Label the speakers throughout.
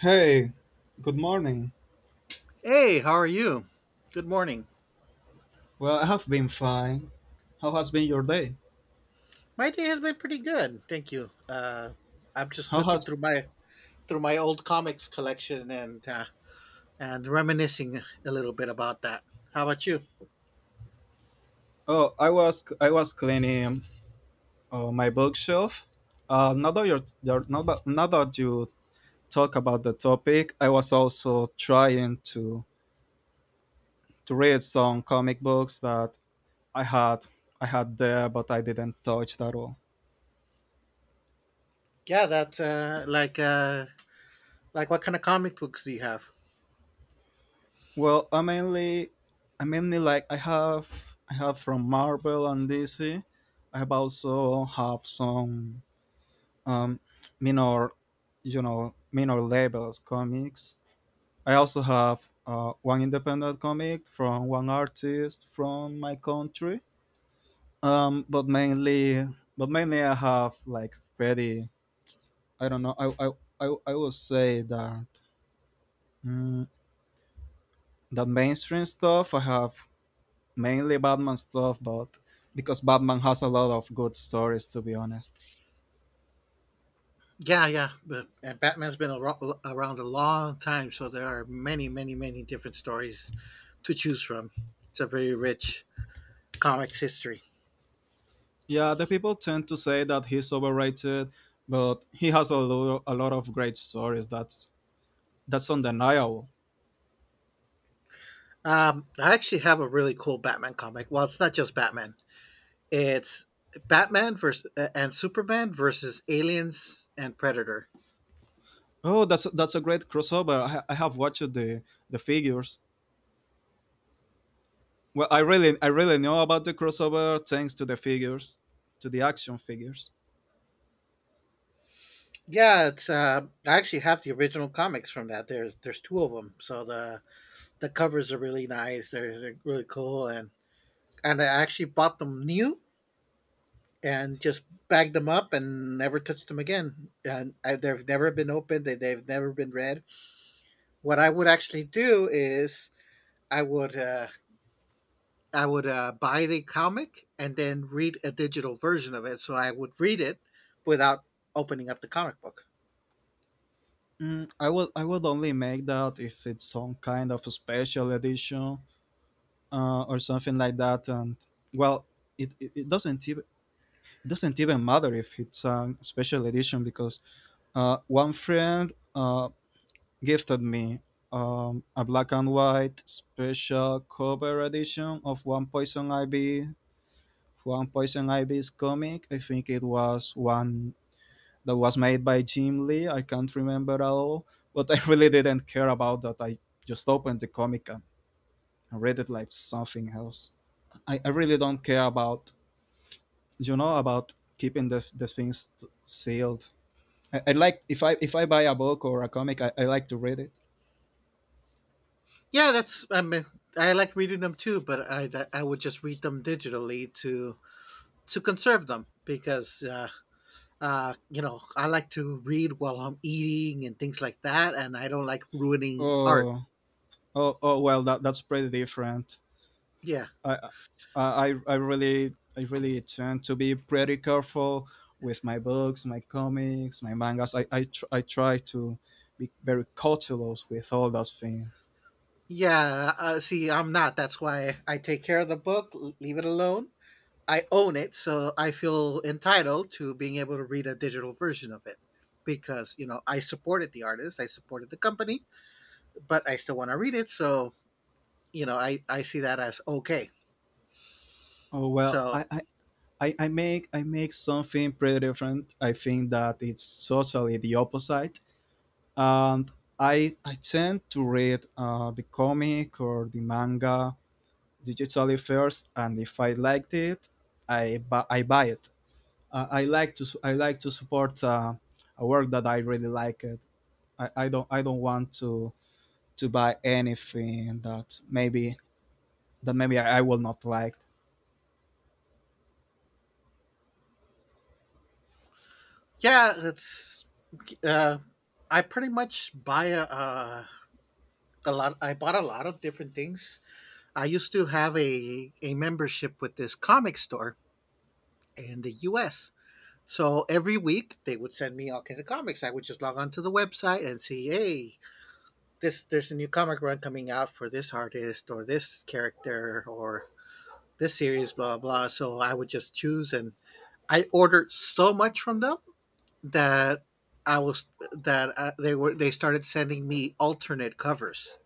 Speaker 1: Hey, good morning.
Speaker 2: Hey, how are you? Good morning.
Speaker 1: Well, I have been fine. How has been your day?
Speaker 2: My day has been pretty good, thank you. I'm just
Speaker 1: How
Speaker 2: looking
Speaker 1: has
Speaker 2: through my old comics collection and reminiscing a little bit about that. How about you?
Speaker 1: Oh, I was cleaning my bookshelf. Now that you talk about the topic, I was also trying to read some comic books that I had I had there, but I didn't touch that all.
Speaker 2: Yeah, that's like what kind of comic books do you have?
Speaker 1: Well, I mainly I have from Marvel and DC. I have also have some um, minor, minor labels comics. I also have one independent comic from one artist from my country. Um, but mainly, but mainly I have like very, I don't know, I would say that mm, that mainstream stuff. I have mainly Batman stuff, but because Batman has a lot of good stories, to be honest.
Speaker 2: Yeah, yeah. And Batman's been around a long time, so there are many, many, many different stories to choose from. It's a very rich comics history.
Speaker 1: Yeah, the people tend to say that he's overrated, but he has a lot of great stories. That's undeniable.
Speaker 2: I actually have a really cool Batman comic. Well, it's not just Batman. It's Batman versus and Superman versus aliens and Predator.
Speaker 1: Oh, that's a great crossover. I have watched the figures. Well, I really know about the crossover thanks to the figures, to the action figures.
Speaker 2: Yeah, it's I actually have the original comics from that. There's two of them, so the covers are really nice. They're really cool, and I actually bought them new and just bagged them up and never touched them again. And I, they've never been opened. They've never been read. What I would actually do is I would uh, I would buy the comic and then read a digital version of it. So I would read it without opening up the comic book.
Speaker 1: Mm, I would only make that if it's some kind of a special edition or something like that. And well, it doesn't even matter if it's a special edition because one friend gifted me a black and white special cover edition of One Poison Ivy. One Poison Ivy's comic. I think it was one that was made by Jim Lee. I can't remember at all, but I really didn't care about that. I just opened the comic and read it like something else. I really don't care about about keeping the things sealed. I like if I buy a book or a comic, I like to read it.
Speaker 2: Yeah, that's I mean I like reading them too, but I would just read them digitally to conserve them because you know I like to read while I'm eating and things like that, and I don't like ruining art.
Speaker 1: Oh, oh. Well, that's pretty different.
Speaker 2: Yeah,
Speaker 1: I, I really tend to be pretty careful with my books, my comics, my mangas. I try to be very cautelous with all those things.
Speaker 2: yeah. See, I'm not. That's why I take care of the book, leave it alone, I own it, so I feel entitled to being able to read a digital version of it because you know I supported the artist, I supported the company, but I still want to read it. So you know I see that as okay.
Speaker 1: Oh well,
Speaker 2: So
Speaker 1: I make something pretty different. I think that it's totally the opposite, and I tend to read the comic or the manga digitally first, and if I liked it, I buy it. I like to support a work that I really like. It. I don't want to buy anything that maybe I will not like.
Speaker 2: yeah, it's uh, I pretty much buy a lot. I bought a lot of different things. I used to have a membership with this comic store in the U.S. So every week they would send me all kinds of comics. I would just log on to the website and see, hey, this there's a new comic run coming out for this artist or this character or this series, blah blah. So I would just choose, and I ordered so much from them that I was that they were they started sending me alternate covers.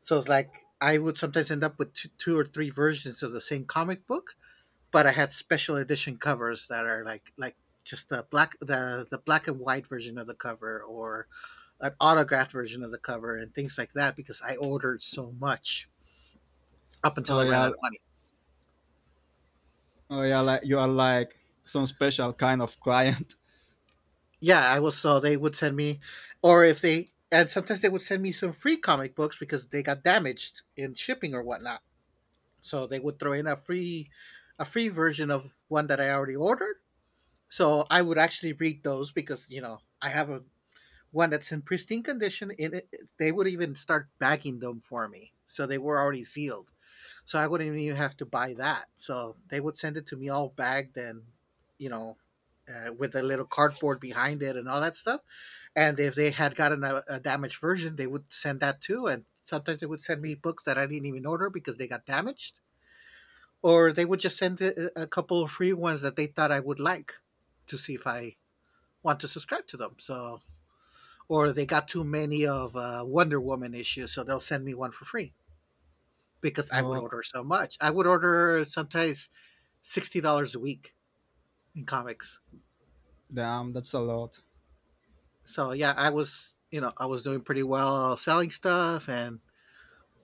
Speaker 2: So it's like I would sometimes end up with two or three versions of the same comic book, but I had special edition covers that are like just the black and white version of the cover or an autographed version of the cover and things like that because I ordered so much up until
Speaker 1: Oh
Speaker 2: I ran out
Speaker 1: yeah,
Speaker 2: of money.
Speaker 1: oh yeah, like you are like some special kind of client.
Speaker 2: Yeah, I was so they would send me, or if they and sometimes they would send me some free comic books because they got damaged in shipping or whatnot. So they would throw in a free version of one that I already ordered. So I would actually read those because you know I have a one that's in pristine condition. In it, they would even start bagging them for me, so they were already sealed. So I wouldn't even have to buy that. So they would send it to me all bagged and, you know, with a little cardboard behind it and all that stuff. And if they had gotten a damaged version, they would send that too. And sometimes they would send me books that I didn't even order because they got damaged, or they would just send a couple of free ones that they thought I would like to see if I want to subscribe to them. So, or they got too many of Wonder Woman issues, so they'll send me one for free because I would
Speaker 1: Oh
Speaker 2: order so much. I would order sometimes $60 a week in comics.
Speaker 1: damn, that's a lot.
Speaker 2: So yeah, I was you know I was doing pretty well selling stuff, and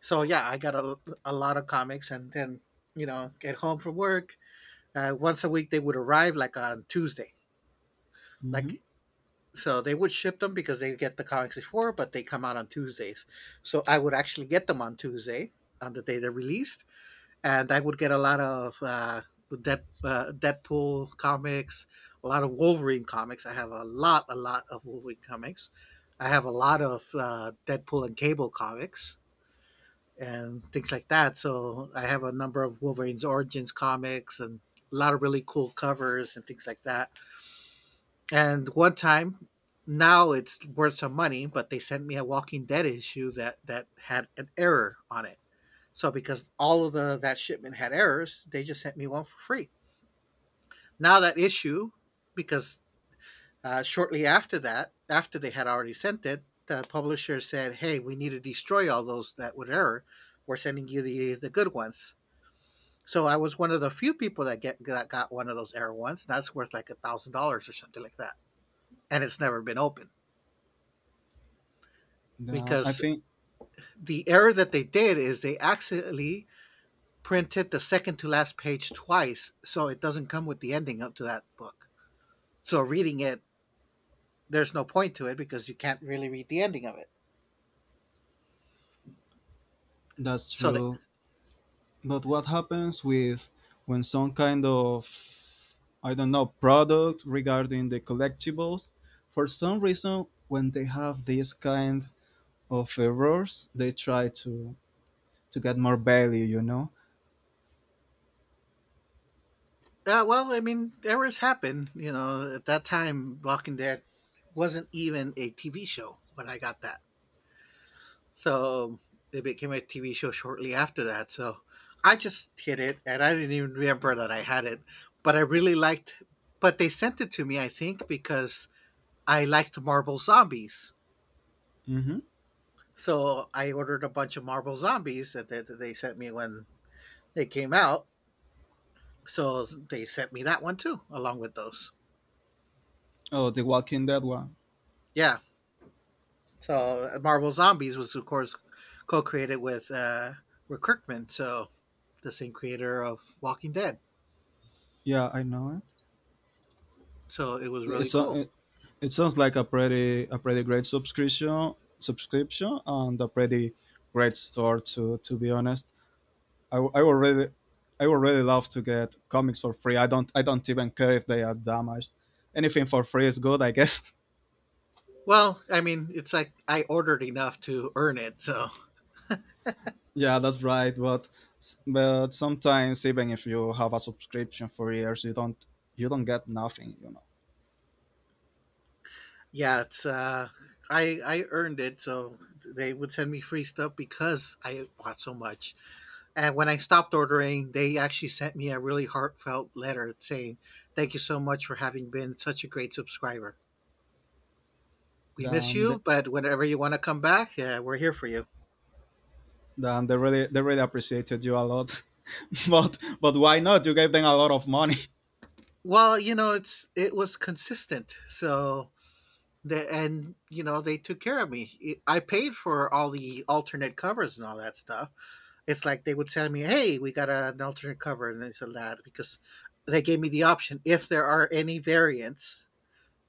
Speaker 2: so yeah, I got a lot of comics, and then you know get home from work. Once a week they would arrive like on Tuesday,
Speaker 1: Hmm.
Speaker 2: like so they would ship them because they get the comics before, but they come out on Tuesdays. So I would actually get them on Tuesday on the day they're released and I would get a lot of Deadpool comics, a lot of Wolverine comics. I have a lot of Wolverine comics. I have a lot of Deadpool and Cable comics and things like that. So I have a number of Wolverine's Origins comics and a lot of really cool covers and things like that. And one time, now it's worth some money, but they sent me a Walking Dead issue that had an error on it so because all of the that shipment had errors, they just sent me one for free. Now that issue, because shortly after that, after they had already sent it, the publisher said, "Hey, we need to destroy all those that would error. We're sending you the good ones." So I was one of the few people that get that got one of those error ones. That's worth like $1,000 or something like that, and it's never been opened
Speaker 1: Damn, I
Speaker 2: because
Speaker 1: think
Speaker 2: the error that they did is they accidentally printed the second to last page twice, so it doesn't come with the ending up to that book. So reading it, there's no point to it because you can't really read the ending of it.
Speaker 1: that's
Speaker 2: So they,
Speaker 1: true. But what happens with when some kind of, I don't know, product regarding the collectibles, for some reason when they have this kind of errors they try to get more value, you know.
Speaker 2: well, I mean, errors happen. You know, at that time, Walking Dead wasn't even a TV show when I got that. So it became a TV show shortly after that. So I just hid it, and I didn't even remember that I had it. But I really liked. But they sent it to me, I think, because I liked Marvel Zombies.
Speaker 1: Hmm.
Speaker 2: So I ordered a bunch of Marvel Zombies that that they sent me when they came out. So they sent me that one too, along with those.
Speaker 1: Oh, the Walking Dead one.
Speaker 2: Yeah. So Marvel Zombies was, of course, co-created with Kirkman, so the same creator of Walking Dead.
Speaker 1: Yeah, I know.
Speaker 2: So it was
Speaker 1: it
Speaker 2: really
Speaker 1: it's a,
Speaker 2: cool.
Speaker 1: it, it sounds like a pretty great subscription and a pretty great store to be honest. I, I would really, I would really love to get comics for free. I don't even care if they are damaged. Anything for free is good, I guess.
Speaker 2: Well, I mean, it's like I ordered enough to earn it. So
Speaker 1: Yeah, that's right. But sometimes even if you have a subscription for years, you don't get nothing. You know,
Speaker 2: yeah, it's I earned it. So they would send me free stuff because I bought so much. And when I stopped ordering, they actually sent me a really heartfelt letter saying, "Thank you so much for having been such a great subscriber. We miss
Speaker 1: damn, they,
Speaker 2: you, but whenever you want to come back, yeah, we're here for you."
Speaker 1: damn, they really appreciated you a lot. But why not? You gave them a lot of money.
Speaker 2: Well, you know, it's it was consistent. So the, and you know they took care of me. I paid for all the alternate covers and all that stuff. It's like they would tell me, "Hey, we got an alternate cover," and this and that because they gave me the option if there are any variants,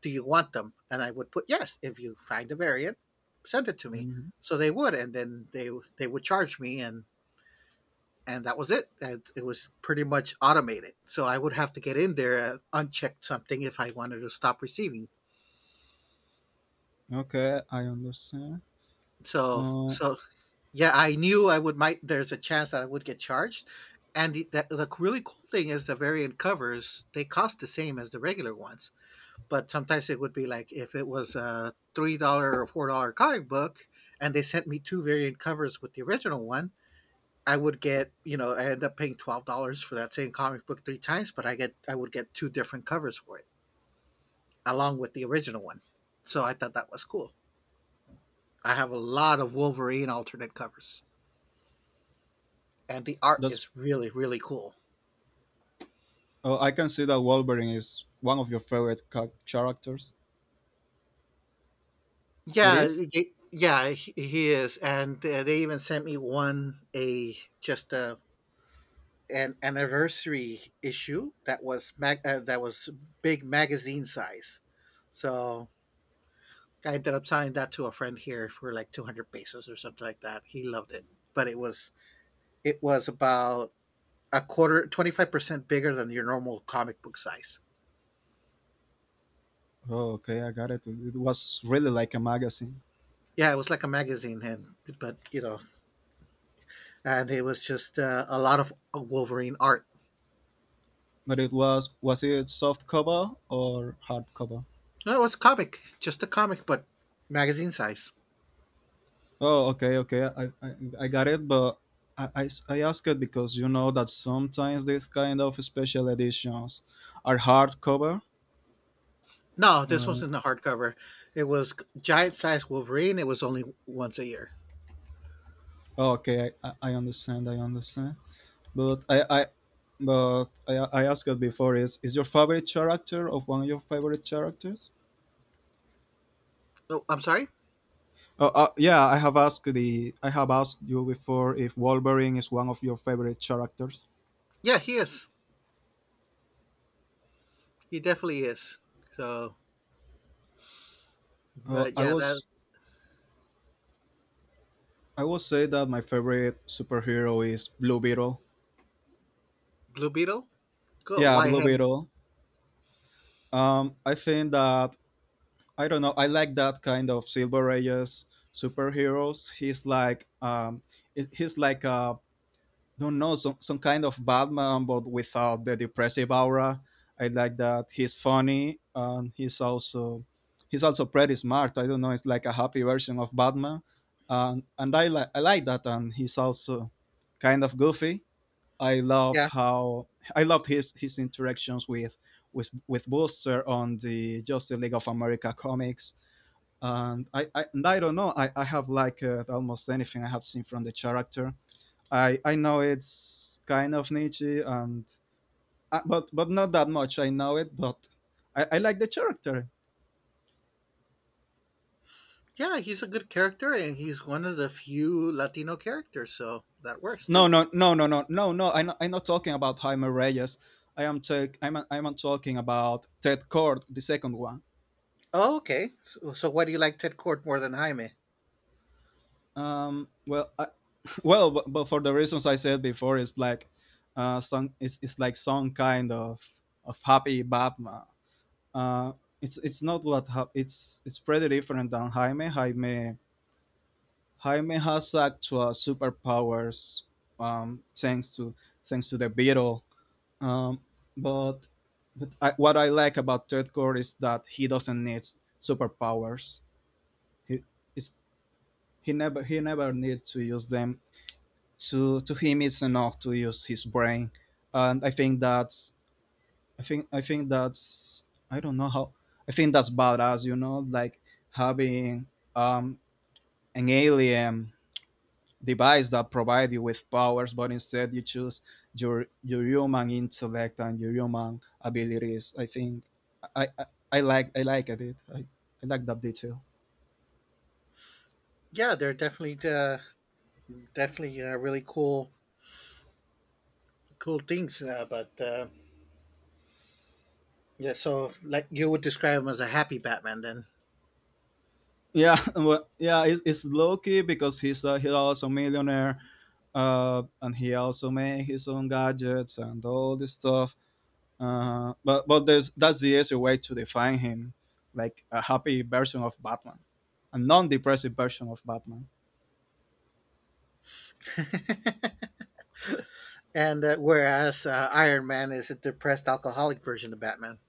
Speaker 2: do you want them? And I would put yes. If you find a variant, send it to me.
Speaker 1: Mhm.
Speaker 2: So they would, and then they would charge me, and that was it. And it was pretty much automated. So I would have to get in there and uncheck something if I wanted to stop receiving.
Speaker 1: Okay, I understand.
Speaker 2: So
Speaker 1: Uh,
Speaker 2: so yeah, I knew I would might there's a chance that I would get charged. And the really cool thing is the variant covers they cost the same as the regular ones, but sometimes it would be like if it was a $3 or $4 comic book, and they sent me two variant covers with the original one, I would get, you know, I end up paying $12 for that same comic book three times, but I would get two different covers for it, along with the original one. So I thought that was cool. I have a lot of Wolverine alternate covers, and the art
Speaker 1: that's.
Speaker 2: is really really cool.
Speaker 1: I can see that Wolverine is one of your favorite characters. It
Speaker 2: Yeah,
Speaker 1: is.
Speaker 2: yeah, he is, and they even sent me one a just a an anniversary issue that was big magazine size. So I ended up selling that to a friend here for like 200 pesos or something like that. He loved it, but it was about a quarter, 25% bigger than your normal comic book size.
Speaker 1: Oh, okay, I got it. It was really like a magazine,
Speaker 2: Yeah, it was like a magazine, and but you know, and it was just a lot of Wolverine art.
Speaker 1: but it was it soft cover or hard cover?
Speaker 2: No, it was comic, just a comic, but magazine size.
Speaker 1: Oh, okay, okay, I got it, but I ask it because you know that sometimes these kind of special editions are hard cover.
Speaker 2: No, this
Speaker 1: Uh,
Speaker 2: wasn't a hardcover. It was giant size Wolverine. It was only once a year.
Speaker 1: oh, okay, I understand, I understand. But I I but I asked it before. Is your favorite character of one of your favorite characters?
Speaker 2: Oh, I'm sorry.
Speaker 1: Yeah, I have asked you before if Wolverine is one of your favorite characters.
Speaker 2: Yeah, he is. He definitely is. So,
Speaker 1: Uh,
Speaker 2: but
Speaker 1: I
Speaker 2: yeah, that
Speaker 1: was I would say that my favorite superhero is Blue Beetle.
Speaker 2: Blue Beetle. Cool.
Speaker 1: Yeah,
Speaker 2: Why
Speaker 1: Blue
Speaker 2: him?
Speaker 1: Beetle. I think that I don't know. I like that kind of Silver Ages superheroes. He's like he's like a, don't know, some kind of Batman but without the depressive aura. I like that he's funny, and he's also pretty smart. I don't know, it's like a happy version of Batman, and I like that, and he's also kind of goofy. i loved
Speaker 2: Yeah.
Speaker 1: how I loved his interactions with Booster on the Justice League of America comics, and I don't know, I have liked almost anything I have seen from the character. I know it's kind of niche and but not that much. I know it, but I like the character.
Speaker 2: Yeah, he's a good character and he's one of the few Latino characters, so that works
Speaker 1: No,
Speaker 2: too.
Speaker 1: no, no, no, no, no, no. I'm not talking about Jaime Reyes. I'm talking about Ted Cord, the second one.
Speaker 2: Oh, okay. So why do you like Ted Court more than Jaime?
Speaker 1: Um, well, I, well, but for the reasons I said before, it's like some it's like some kind of happy Batman. Uh, it's not what hap it's pretty different than Jaime. Jaime has actual superpowers, thanks to the beetle. Um, but but what I like about Third Core is that he doesn't need superpowers. He is he never needs to use them. To him, it's enough to use his brain, and I think that's I don't know how I think that's badass. You know, like having um an alien device that provide you with powers, but instead you choose your human intellect and your human abilities. I I, I like it. I like that detail.
Speaker 2: Yeah, they're definitely definitely really cool things. But yeah, so like you would describe him as a happy Batman then,
Speaker 1: Yeah, well, yeah, it's Loki because he's also millionaire, and he also made his own gadgets and all this stuff. But there's that's the easy way to define him, like a happy version of Batman, a non-depressive version of Batman.
Speaker 2: and whereas Iron Man is a depressed alcoholic version of Batman.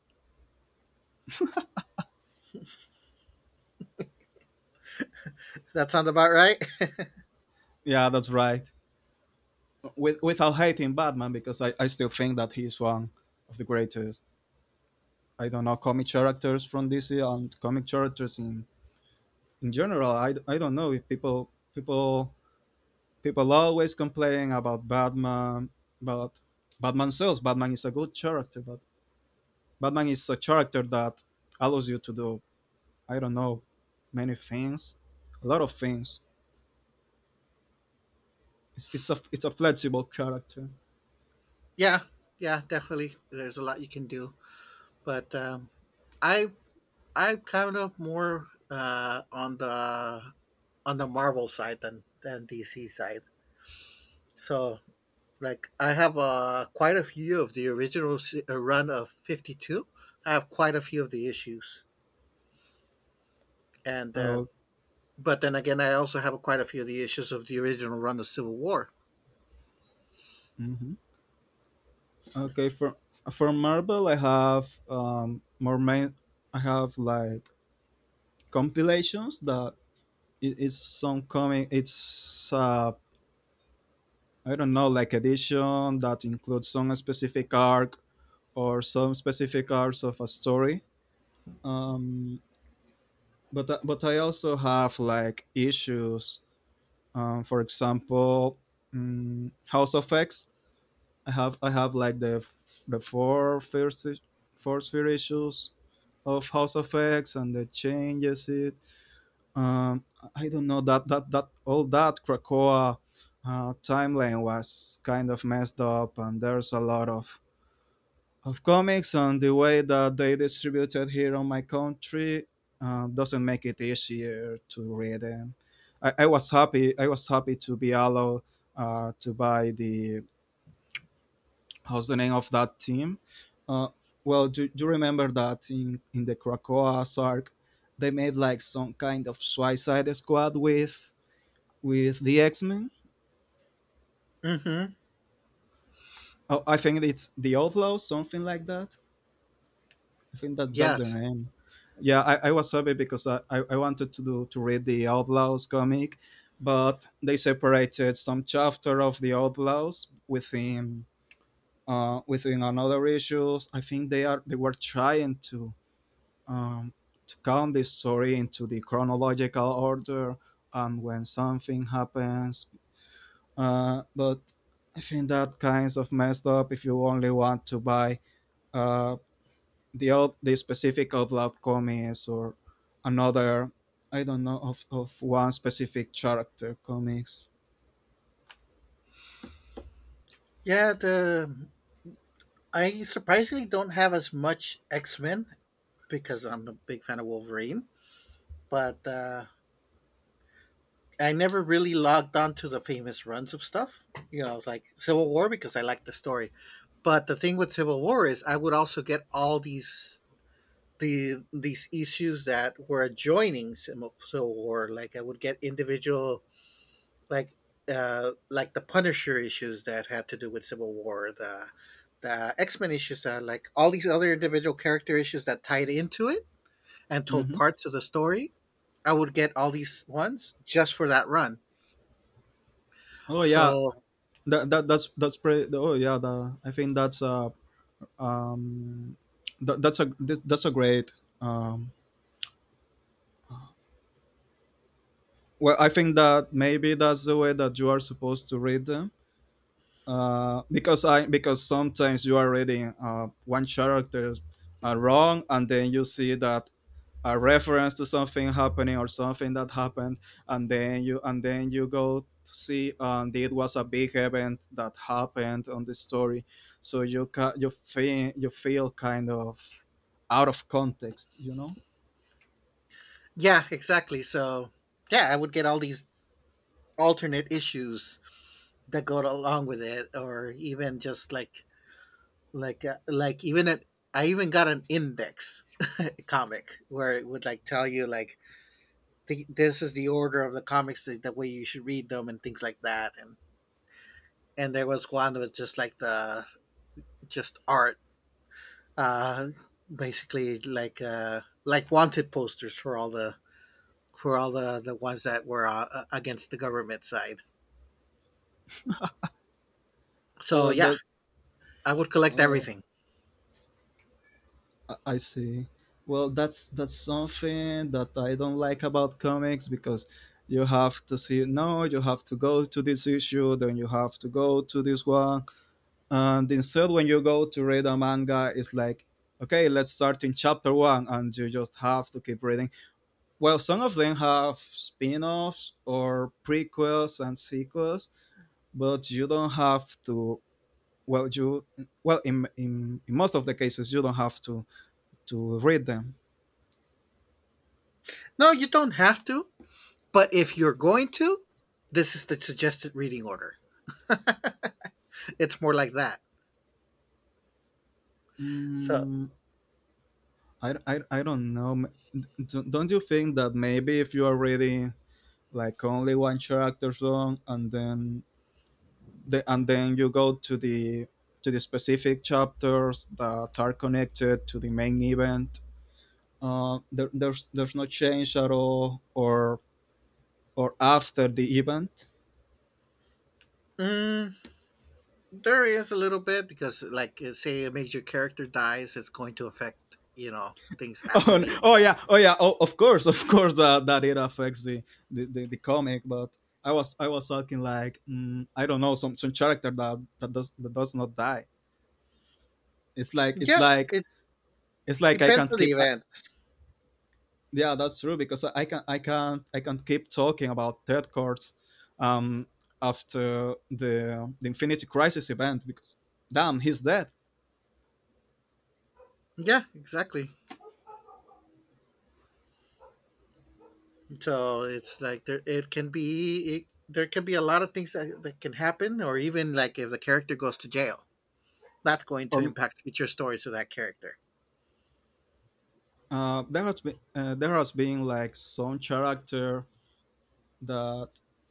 Speaker 2: That sounds about right.
Speaker 1: Yeah, that's right. With, without hating Batman because I still think that he's one of the greatest. I don't know comic characters from DC and comic characters in general. I don't know if people people always complain about Batman, but Batman sells. Batman is a good character, but Batman is a character that allows you to do, I don't know, many things, a lot of things. It's a flexible character.
Speaker 2: Yeah, yeah, definitely. There's a lot you can do, but I I'm kind of more on the Marvel side than DC side. So like I have quite a few of the original run of 52. I have quite a few of the issues, and uh,
Speaker 1: Uh,
Speaker 2: but then again, I also have quite a few of the issues of the original run of Civil War.
Speaker 1: mhm. Okay, for Marvel, I have more main. I have like compilations that it's some coming. It's I don't know, like edition that includes some specific arc or some specific arcs of a story. Um, but I also have like issues. For example, House of X, I have like the f- the four first four sphere issues of House of X and the changes it. Um, I don't know that all that Krakoa timeline was kind of messed up, and there's a lot of comics and the way that they distributed here on my country doesn't make it easier to read them. I was happy to be allowed to buy the, how's the name of that team? Uh, well, do, do you remember that in the Krakoa arc, they made like some kind of Suicide Squad with the X Men?
Speaker 2: Hmm.
Speaker 1: Oh, I think it's the Outlaws, something like that. I think that's their
Speaker 2: Yes,
Speaker 1: name. Yeah, I was happy because I wanted to read the Outlaws comic, but they separated some chapter of the Outlaws within within another issues. I think they were trying um, to count the story into the chronological order and when something happens. But I think that kinds of messed up if you only want to buy uh, the specific outlaw comics or another, I don't know, of one specific character comics.
Speaker 2: yeah. The I surprisingly don't have as much X Men because I'm a big fan of Wolverine, but. I never really logged on to the famous runs of stuff. You know, I was like Civil War because I liked the story. But the thing with Civil War is I would also get all these issues that were adjoining Civil War. Like I would get individual like like the Punisher issues that had to do with Civil War, the X Men issues that like all these other individual character issues that tied into it and told
Speaker 1: Mhm.
Speaker 2: parts of the story. I would get all these ones just for that run.
Speaker 1: Oh yeah,
Speaker 2: So
Speaker 1: that's pretty. Oh yeah, the I think um, that's a great. Um, well, I think that maybe that's the way that you are supposed to read them. Because I because sometimes you are reading one character wrong, and then you see that a reference to something happening or something that happened, and then you go to see and it was a big event that happened on the story, so you feel kind of out of context.
Speaker 2: yeah, exactly. So, yeah, I would get all these alternate issues that go along with it, or even just like I even got an index comic where it would like tell you like this is the order of the comics the way you should read them and things like that, and there was one that was just like the just art uh basically like wanted posters for all the for all the ones that were against the government side, so yeah,
Speaker 1: That
Speaker 2: I would collect
Speaker 1: uh,
Speaker 2: everything.
Speaker 1: I see. Well, that's something that I don't like about comics because you have to see no, you have to go to this issue, then you have to go to this one, and instead when you go to read a manga, it's like okay, let's start in chapter one, and you just have to keep reading. Well, some of them have spin-offs or prequels and sequels, but you don't have to. Well, you well in most of the cases you don't have to read them.
Speaker 2: No, you don't have to, but if you're going to, this is the suggested reading order. It's more like that. So
Speaker 1: Mm, I, I don't know. Don't you think that maybe if you are reading like only one chapter long and then and then you go to the specific chapters that are connected to the main event, there's no change at all or after the event?
Speaker 2: mm, there is a little bit because, say a major character dies, it's going to affect, you know, things after the event.
Speaker 1: Oh yeah, oh yeah, oh, of course that that it affects the, the comic. But I was talking like I don't know some character that that does not die. It's like
Speaker 2: Yeah, it
Speaker 1: it's like I
Speaker 2: depends
Speaker 1: can't
Speaker 2: on the
Speaker 1: keep. I,
Speaker 2: events.
Speaker 1: yeah, that's true because I can I can't keep talking about third courts um, after the Infinity Crisis event because damn he's dead
Speaker 2: Yeah, exactly. So it's like it can be there can be a lot of things that can happen, or even like if the character goes to jail, that's going to
Speaker 1: or.
Speaker 2: impact future stories of that character.
Speaker 1: There has been like some character that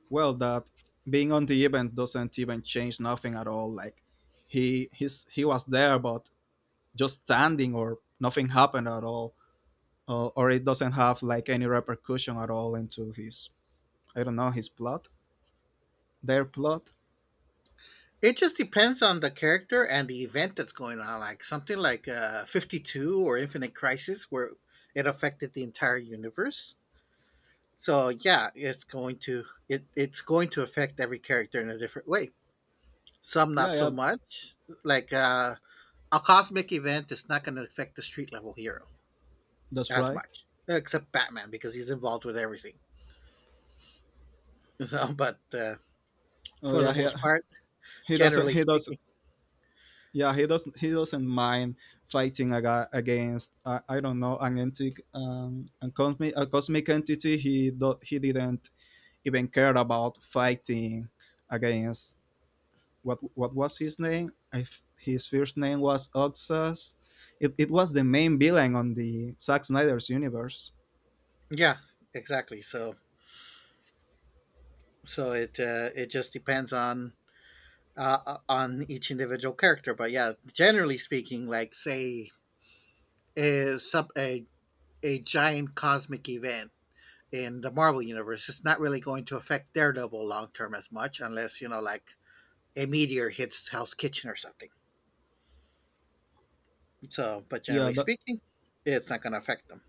Speaker 1: well that being on the event doesn't even change nothing at all like he was there but just standing or nothing happened at all or it doesn't have like any repercussion at all into his, I don't know, his plot, their plot.
Speaker 2: It just depends on the character and the event that's going on. Like something like 52 or Infinite Crisis, where it affected the entire universe. So yeah, it's going to it's going to affect every character in a different way. Some
Speaker 1: Yeah,
Speaker 2: not so
Speaker 1: yeah,
Speaker 2: much. Like a cosmic event is not going to affect the street level hero
Speaker 1: that's
Speaker 2: as
Speaker 1: right.
Speaker 2: much, except Batman because he's involved with everything. So, but
Speaker 1: Oh
Speaker 2: for the
Speaker 1: yeah,
Speaker 2: most part,
Speaker 1: he doesn't
Speaker 2: generally
Speaker 1: he does,
Speaker 2: speaking,
Speaker 1: yeah, he doesn't mind fighting against I don't know an entity, a cosmic entity. He didn't even care about fighting against what was his name. If his first name was Oxas, it was the main villain on the Zack Snyder's universe.
Speaker 2: yeah, exactly. So it it just depends on each individual character. But yeah, generally speaking, like say a sub a, a giant cosmic event in the Marvel universe, it's not really going to affect Daredevil long term as much, unless you know like a meteor hits Hell's Kitchen or something. So, but
Speaker 1: Yeah,
Speaker 2: generally
Speaker 1: that,
Speaker 2: speaking, it's not going to affect them.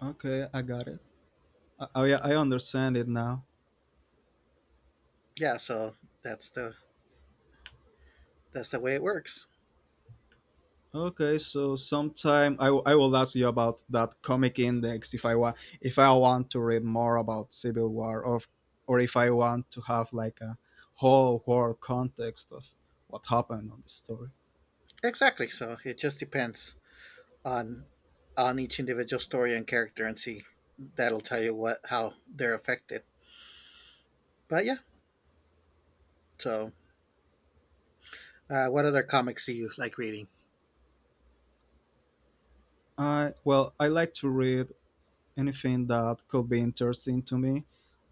Speaker 1: okay, I got it. I, I understand it now.
Speaker 2: Yeah, so that's the way it works.
Speaker 1: Okay, so sometime I, I will ask you about that comic index if I want, if I want to read more about Civil War, or if I want to have like a whole war context of what happened on the story.
Speaker 2: Exactly. So it just depends on each individual story and character, and see that'll tell you what how they're affected. But yeah. So, what other comics do you like reading?
Speaker 1: I well I like to read anything that could be interesting to me.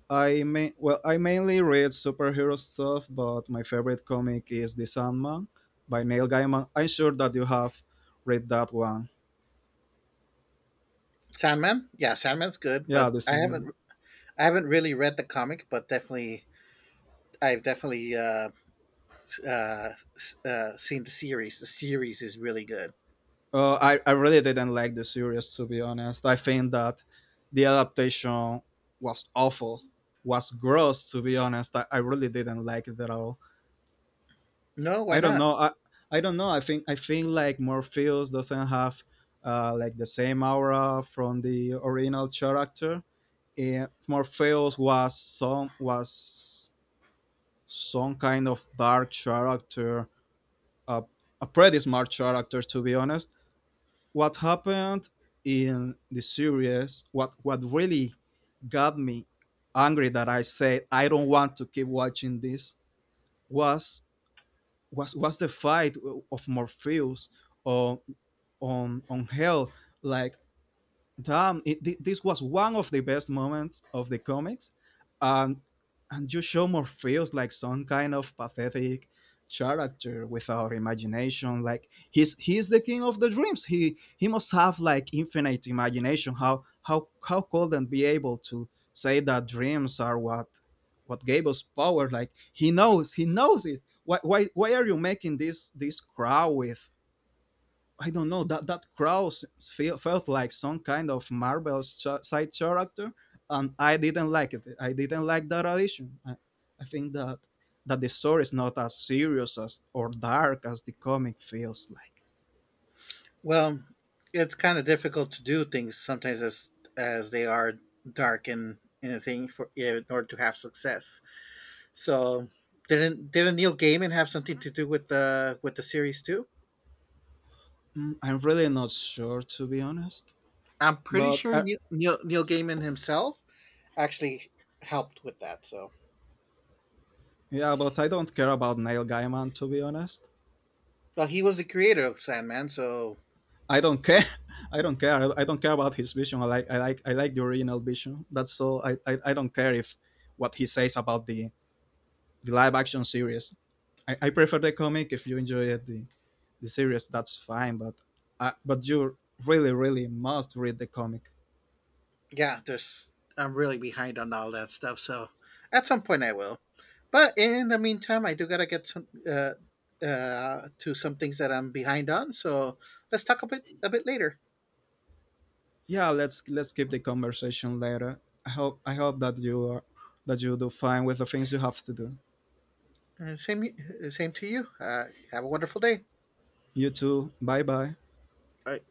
Speaker 1: I may well I mainly read superhero stuff, but my favorite comic is The Sandman by Neil Gaiman. I'm sure that you have read that one.
Speaker 2: Sandman? Yeah, Sandman's good,
Speaker 1: Yeah,
Speaker 2: but
Speaker 1: The
Speaker 2: I
Speaker 1: Sandman.
Speaker 2: haven't I haven't really read the comic, but definitely I've definitely uh, seen the series. The series is really good.
Speaker 1: I really didn't like the series to be honest. I think that the adaptation was awful, was gross to be honest. I really didn't like it at all.
Speaker 2: No, why
Speaker 1: I don't
Speaker 2: not?
Speaker 1: know. I don't know. I think like Morpheus doesn't have like the same aura from the original character. And Morpheus was some kind of dark character, uh, a pretty smart character to be honest. What happened in the series, what really got me angry that I said I don't want to keep watching this was was the fight of Morpheus on on hell. Like damn, it, this was one of the best moments of the comics. Um, and you show more feels like some kind of pathetic character without imagination. Like he's the king of the dreams. He must have like infinite imagination. How couldn't be able to say that dreams are what gave us power? Like he knows it. Why are you making this this crowd with, I don't know, that that Kraus feel, felt like some kind of Marvel side character, and I didn't like it. I didn't like that addition. I think that that the story is not as serious as or dark as the comic feels like.
Speaker 2: Well, it's kind of difficult to do things sometimes as they are dark and anything for yeah, in order to have success. So, didn't Neil Gaiman have something to do with the series too?
Speaker 1: I'm really not sure to be honest,
Speaker 2: I'm pretty
Speaker 1: but
Speaker 2: sure
Speaker 1: I,
Speaker 2: Neil Gaiman himself actually helped with that. So,
Speaker 1: yeah, but I don't care about Neil Gaiman to be honest.
Speaker 2: well, he was the creator of Sandman. So,
Speaker 1: I don't care. I don't care. I don't care about his vision. I like I like the original vision. That's all. I I don't care if what he says about the live action series. I prefer the comic. If you enjoy it, the series, that's fine. But you really really must read the comic.
Speaker 2: yeah, there's I'm really behind on all that stuff. So, at some point I will. But in the meantime, I do gotta get some to some things that I'm behind on. So let's talk a bit later.
Speaker 1: Yeah, let's keep the conversation later. I hope that you are that you do fine with the things you have to do.
Speaker 2: Same same to you. Have a wonderful day.
Speaker 1: You too. Bye bye.
Speaker 2: Bye.